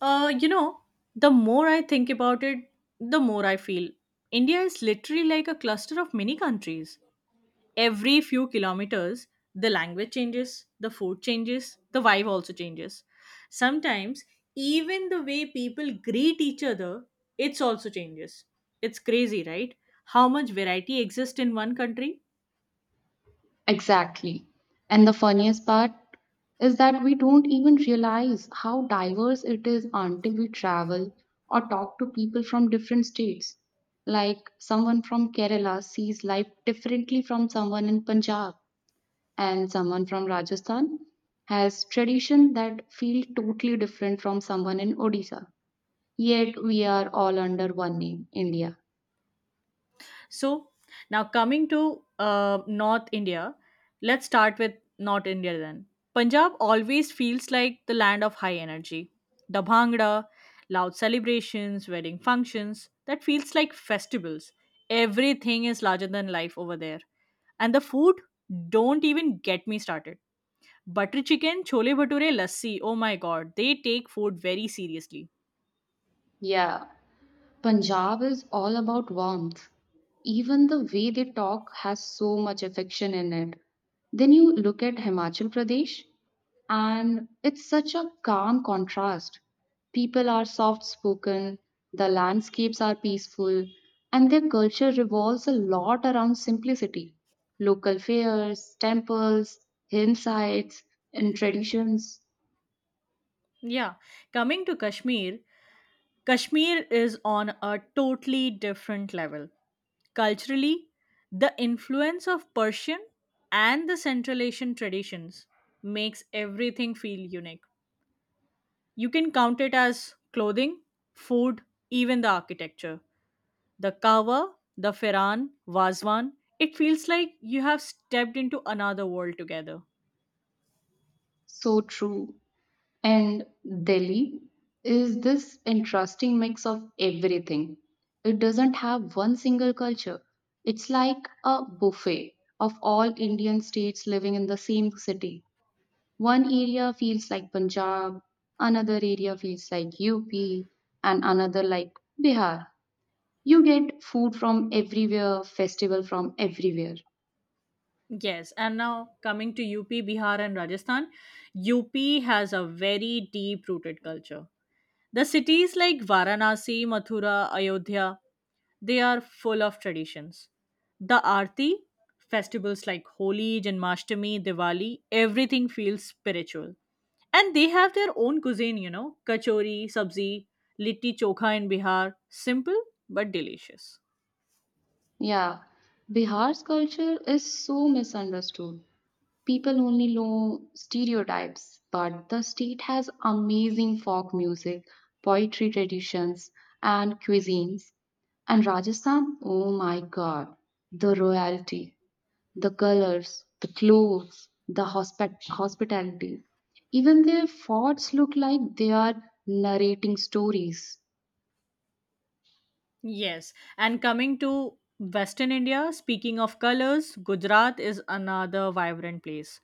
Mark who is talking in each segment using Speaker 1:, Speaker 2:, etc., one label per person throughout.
Speaker 1: Uh, you know, the more I think about it, the more I feel. India is literally like a cluster of mini countries. Every few kilometers, the language changes, the food changes, the vibe also changes. Sometimes, even the way people greet each other, it's also changes. It's crazy, right? How much variety exists in one country?
Speaker 2: Exactly. And the funniest part is that we don't even realize how diverse it is until we travel or talk to people from different states. Like someone from Kerala sees life differently from someone in Punjab, and someone from Rajasthan has tradition that feel totally different from someone in Odisha. Yet we are all under one name, India.
Speaker 1: So now coming to North India, let's start with North India then. Punjab always feels like the land of high energy. The bhangra, loud celebrations, wedding functions, that feels like festivals. Everything is larger than life over there. And the food, don't even get me started. Butter chicken, chole bhature, lassi, oh my god, they take food very seriously.
Speaker 2: Yeah. Punjab is all about warmth. Even the way they talk has so much affection in it. Then you look at Himachal Pradesh, and it's such a calm contrast. People are soft spoken, the landscapes are peaceful, and their culture revolves a lot around simplicity. Local fairs, temples, hillsides, and traditions.
Speaker 1: Yeah, coming to Kashmir, Kashmir is on a totally different level. Culturally, the influence of Persian and the Central Asian traditions makes everything feel unique. You can count it as clothing, food, even the architecture. The kawa, the firan, wazwan. It feels like you have stepped into another world together.
Speaker 2: So true. And Delhi is this interesting mix of everything. It doesn't have one single culture. It's like a buffet of all Indian states living in the same city. One area feels like Punjab, another area feels like UP, and another like Bihar. You get food from everywhere, festival from everywhere.
Speaker 1: Yes, and now coming to UP, Bihar, and Rajasthan, UP has a very deep rooted culture. The cities like Varanasi, Mathura, Ayodhya, they are full of traditions. The Aarti, festivals like Holi, Janmashtami, Diwali, everything feels spiritual. And they have their own cuisine, kachori, sabzi, litti chokha in Bihar. Simple but delicious.
Speaker 2: Yeah, Bihar's culture is so misunderstood. People only know stereotypes, but the state has amazing folk music, poetry traditions, and cuisines. And Rajasthan, oh my god, the royalty, the colors, the clothes, the hospitality. Even their forts look like they are narrating stories.
Speaker 1: Yes, and coming to Western India, speaking of colors, Gujarat is another vibrant place.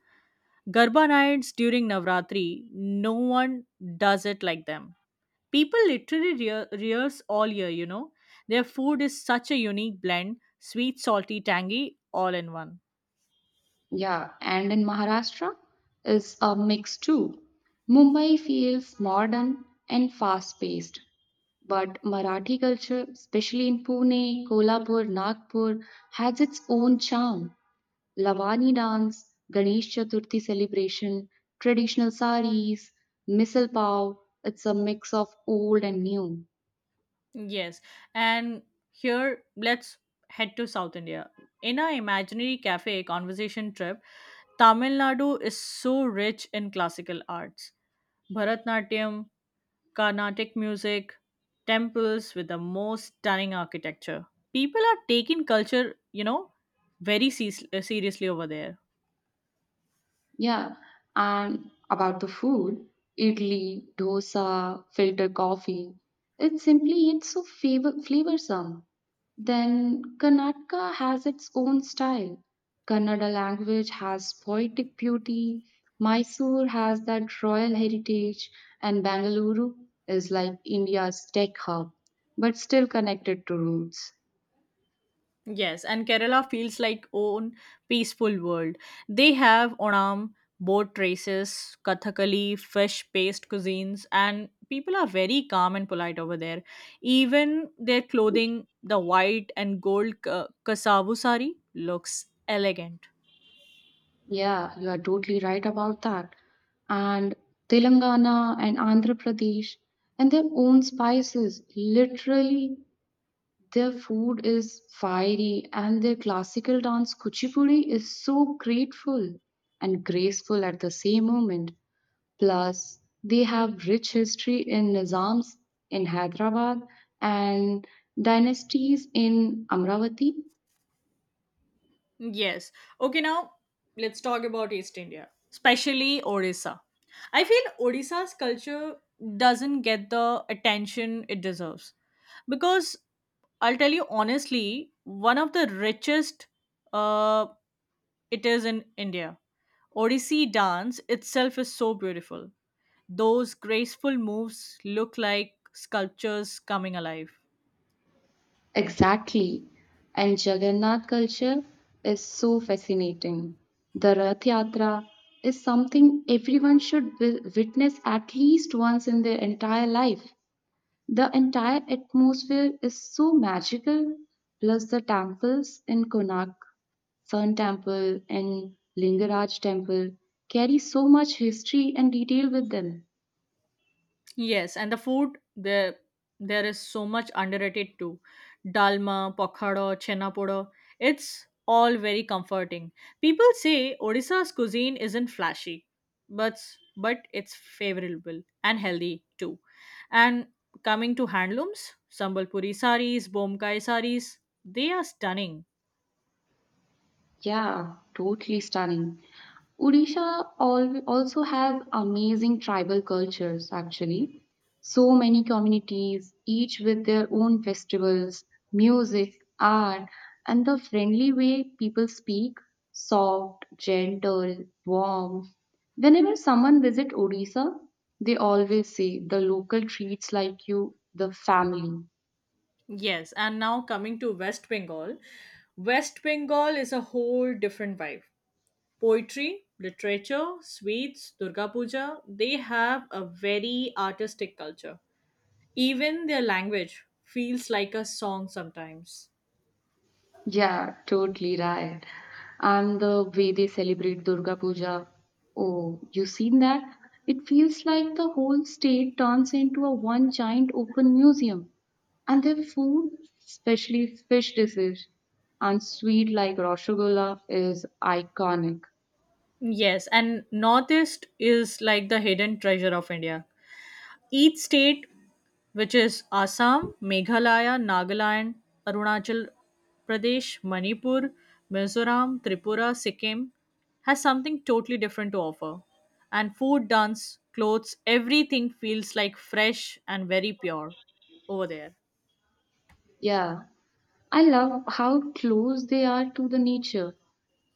Speaker 1: Garba nights during Navratri, no one does it like them. People literally rehearse all year, Their food is such a unique blend sweet, salty, tangy, all in one.
Speaker 2: Yeah, and in Maharashtra is a mix too. Mumbai feels modern and fast paced, but Marathi culture, especially in Pune, Kolhapur, Nagpur, has its own charm. Lavani dance, Ganesh Chaturthi celebration, traditional saris, misal pav, it's a mix of old and new.
Speaker 1: Yes, and here let's head to South India. In our imaginary cafe conversation trip, Tamil Nadu is so rich in classical arts. Bharatnatyam, Carnatic music, temples with the most stunning architecture. People are taking culture, very seriously over there.
Speaker 2: Yeah, and about the food, idli, dosa, filter coffee. It's simply it's so favor flavorsome. Then Karnataka has its own style. Kannada language has poetic beauty. Mysore has that royal heritage, and Bangalore is like India's tech hub, but still connected to roots.
Speaker 1: Yes, and Kerala feels like own peaceful world. They have Onam, boat races, Kathakali, fish-based cuisines, and people are very calm and polite over there. Even their clothing, the white and gold kasavu sari, looks elegant.
Speaker 2: Yeah, you are totally right about that. And Telangana and Andhra Pradesh and their own spices. Literally, their food is fiery and their classical dance kuchipudi is so grateful and graceful at the same moment. Plus, they have rich history in Nizams in Hyderabad and dynasties in Amravati.
Speaker 1: Yes. Okay, now let's talk about East India, especially Odisha. I feel Odisha's culture doesn't get the attention it deserves because I'll tell you honestly, one of the richest uh, it is in India. Odissi dance itself is so beautiful. Those graceful moves look like sculptures coming alive.
Speaker 2: Exactly. And Jagannath culture is so fascinating. The Rath Yatra is something everyone should witness at least once in their entire life. The entire atmosphere is so magical, plus the temples in Konark, Sun Temple, and Lingaraj Temple carry so much history and detail with them.
Speaker 1: Yes, and the food there is so much underrated too. Dalma, pokhada, chena poda. It's all very comforting. People say Odisha's cuisine isn't flashy, but but it's favorable and healthy too. And coming to handlooms, Sambalpuri saris, Bomkai saris, they are stunning.
Speaker 2: Yeah, totally stunning. Odisha also has amazing tribal cultures, actually. So many communities, each with their own festivals, music, art, and the friendly way people speak soft, gentle, warm. Whenever someone visits Odisha, they always say the local treats like you, the family.
Speaker 1: Yes, and now coming to West Bengal. West Bengal is a whole different vibe. Poetry, literature, sweets, Durga Puja, they have a very artistic culture. Even their language feels like a song sometimes.
Speaker 2: Yeah, totally right. And the way they celebrate Durga Puja, oh, you seen that? It feels like the whole state turns into a one giant open museum. And their food, especially fish dishes and sweet like rasgulla, is iconic.
Speaker 1: Yes, and Northeast is like the hidden treasure of India. Each state which is Assam, Meghalaya, Nagaland, Arunachal Pradesh, Manipur, Mizoram, Tripura, Sikkim, has something totally different to offer. And food, dance, clothes, everything feels like fresh and very pure over there.
Speaker 2: Yeah, I love how close they are to the nature.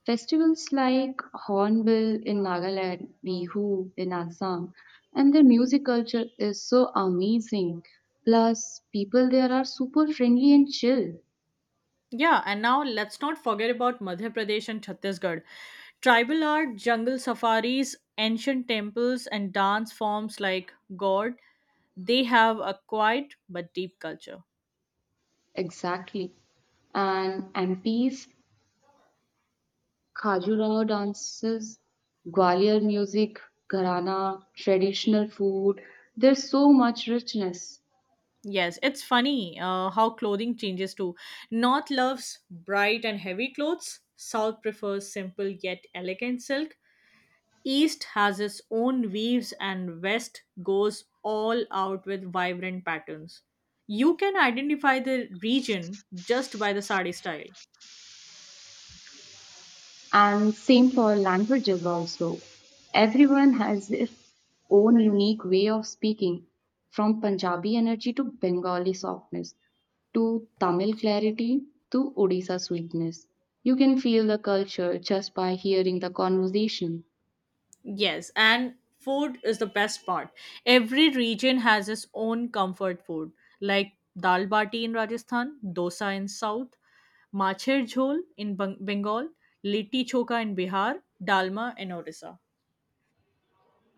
Speaker 2: Festivals like Hornbill in Nagaland, Bihu in Assam, and their music culture is so amazing. Plus, people there are super friendly and chill.
Speaker 1: Yeah, and now let's not forget about Madhya Pradesh and Chhattisgarh. Tribal art, jungle safaris, ancient temples, and dance forms like God, they have a quiet but deep culture.
Speaker 2: Exactly. And MP's Khajuraho dances, Gwalior music, Gharana, traditional food. There's so much richness.
Speaker 1: Yes, it's funny how clothing changes too. North loves bright and heavy clothes. South prefers simple yet elegant silk. East has its own weaves, and West goes all out with vibrant patterns. You can identify the region just by the sari style.
Speaker 2: And same for languages also. Everyone has their own unique way of speaking, from Punjabi energy to Bengali softness, to Tamil clarity to Odisha sweetness. You can feel the culture just by hearing the conversation.
Speaker 1: Yes, and food is the best part. Every region has its own comfort food, like dal bati in Rajasthan, dosa in South, macher jhol in Bengal, litti choka in Bihar, dalma in Odisha.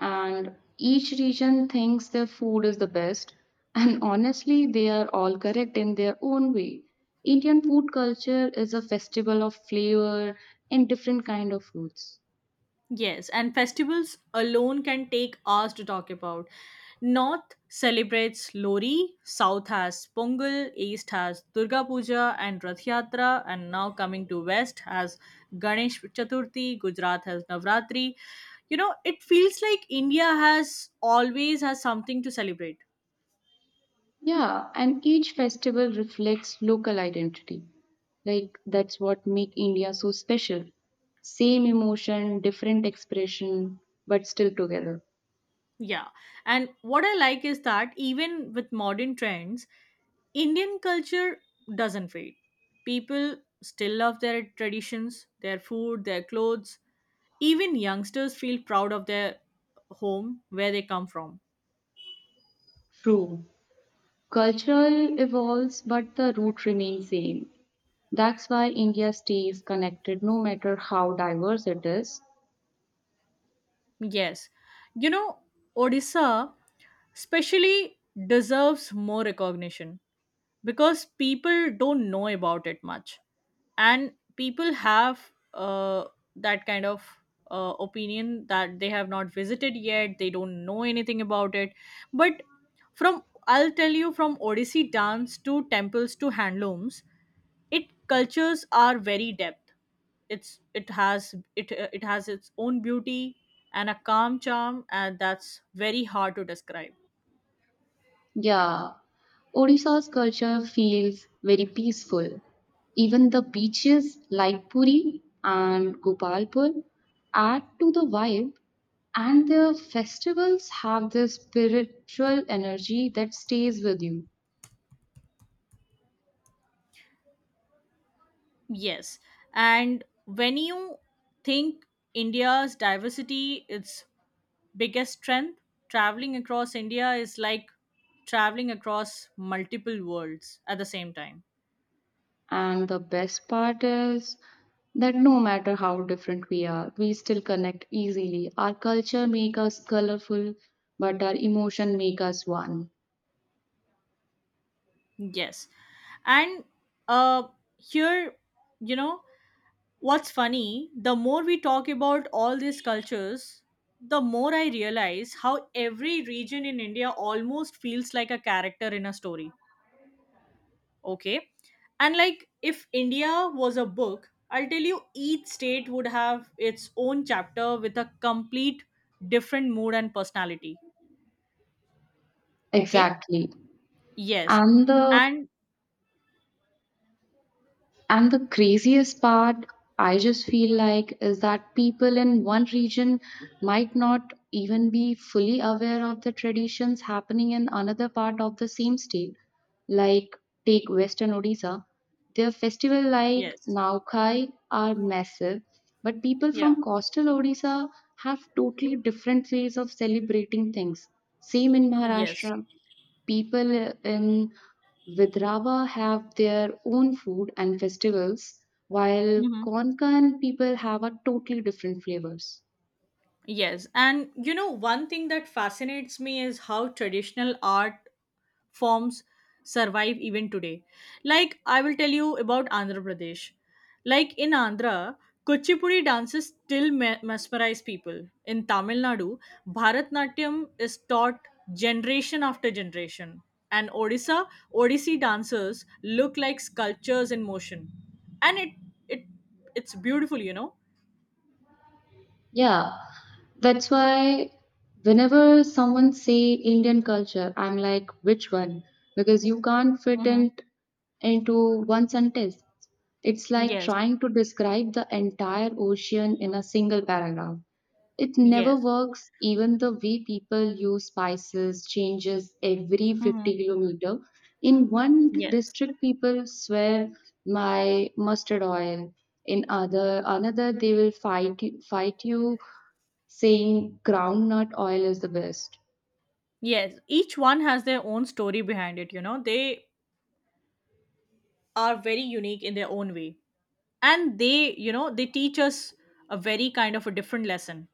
Speaker 2: And each region thinks their food is the best, and honestly, they are all correct in their own way. Indian food culture is a festival of flavor and different kind of foods.
Speaker 1: Yes, and festivals alone can take hours to talk about. North celebrates Lori, South has Pongal, East has Durga Puja and Rath Yatra, and now coming to West has Ganesh Chaturthi, Gujarat has Navratri. You know, it feels like India has always has something to celebrate.
Speaker 2: Yeah, and each festival reflects local identity. Like that's what make India so special. Same emotion, different expression, but still together.
Speaker 1: Yeah. And what I like is that even with modern trends, Indian culture doesn't fade. People still love their traditions, their food, their clothes. Even youngsters feel proud of their home where they come from.
Speaker 2: True. Cultural evolves, but the root remains same. That's why India stays connected no matter how diverse it is.
Speaker 1: Yes. You know, Odisha especially deserves more recognition, because people don't know about it much and people have that kind of opinion that they have not visited yet they don't know anything about it, but from I'll tell you from odyssey dance to temples to handlooms, it cultures are very depth. It it has its own beauty and a calm charm, and that's very hard to describe.
Speaker 2: Yeah, Odisha's culture feels very peaceful. Even the beaches like Puri and Gopalpur add to the vibe, and their festivals have this spiritual energy that stays with you.
Speaker 1: Yes. And when you think India's diversity, its biggest strength, traveling across India is like traveling across multiple worlds at the same time.
Speaker 2: And the best part is that no matter how different we are, we still connect easily. Our culture makes us colorful, but our emotion make us one.
Speaker 1: Yes. And uh, here, you know, what's funny, the more we talk about all these cultures, the more I realize how every region in India almost feels like a character in a story. Okay. And like if India was a book, I'll tell you each state would have its own chapter with a complete different mood and personality. Okay.
Speaker 2: Exactly.
Speaker 1: Yes.
Speaker 2: And the
Speaker 1: And
Speaker 2: And the craziest part, I just feel like, is that people in one region might not even be fully aware of the traditions happening in another part of the same state. Like, take Western Odisha. Their festival like
Speaker 1: yes.
Speaker 2: Naukai are massive, but people
Speaker 1: Yeah.
Speaker 2: from coastal Odisha have totally different ways of celebrating things. Same in
Speaker 1: Yes.
Speaker 2: Maharashtra. People in Vidrava have their own food and festivals, while
Speaker 1: Hmm.
Speaker 2: Konkan people have a totally different flavors.
Speaker 1: Yes, and one thing that fascinates me is how traditional art forms survive even today. Like I will tell you about Andhra Pradesh. Like in Andhra, Kuchipudi dances still mesmerize people. In Tamil Nadu, Bharatnatyam is taught generation after generation. And Odisha, Odissi dancers look like sculptures in motion. And it it's beautiful,
Speaker 2: Yeah, that's why whenever someone say Indian culture, I'm like, which one? Because you can't fit
Speaker 1: Mm-hmm.
Speaker 2: it into one sentence. It's like
Speaker 1: Yes.
Speaker 2: trying to describe the entire ocean in a single paragraph. It never
Speaker 1: Yes.
Speaker 2: works. Even the way people use spices changes every
Speaker 1: Mm-hmm.
Speaker 2: 50 kilometer. In one
Speaker 1: Yes.
Speaker 2: district, people swear my mustard oil. In other another, they will fight you saying groundnut oil is the best.
Speaker 1: Yes. Each one has their own story behind it, They are very unique in their own way, and they they teach us a very kind of a different lesson.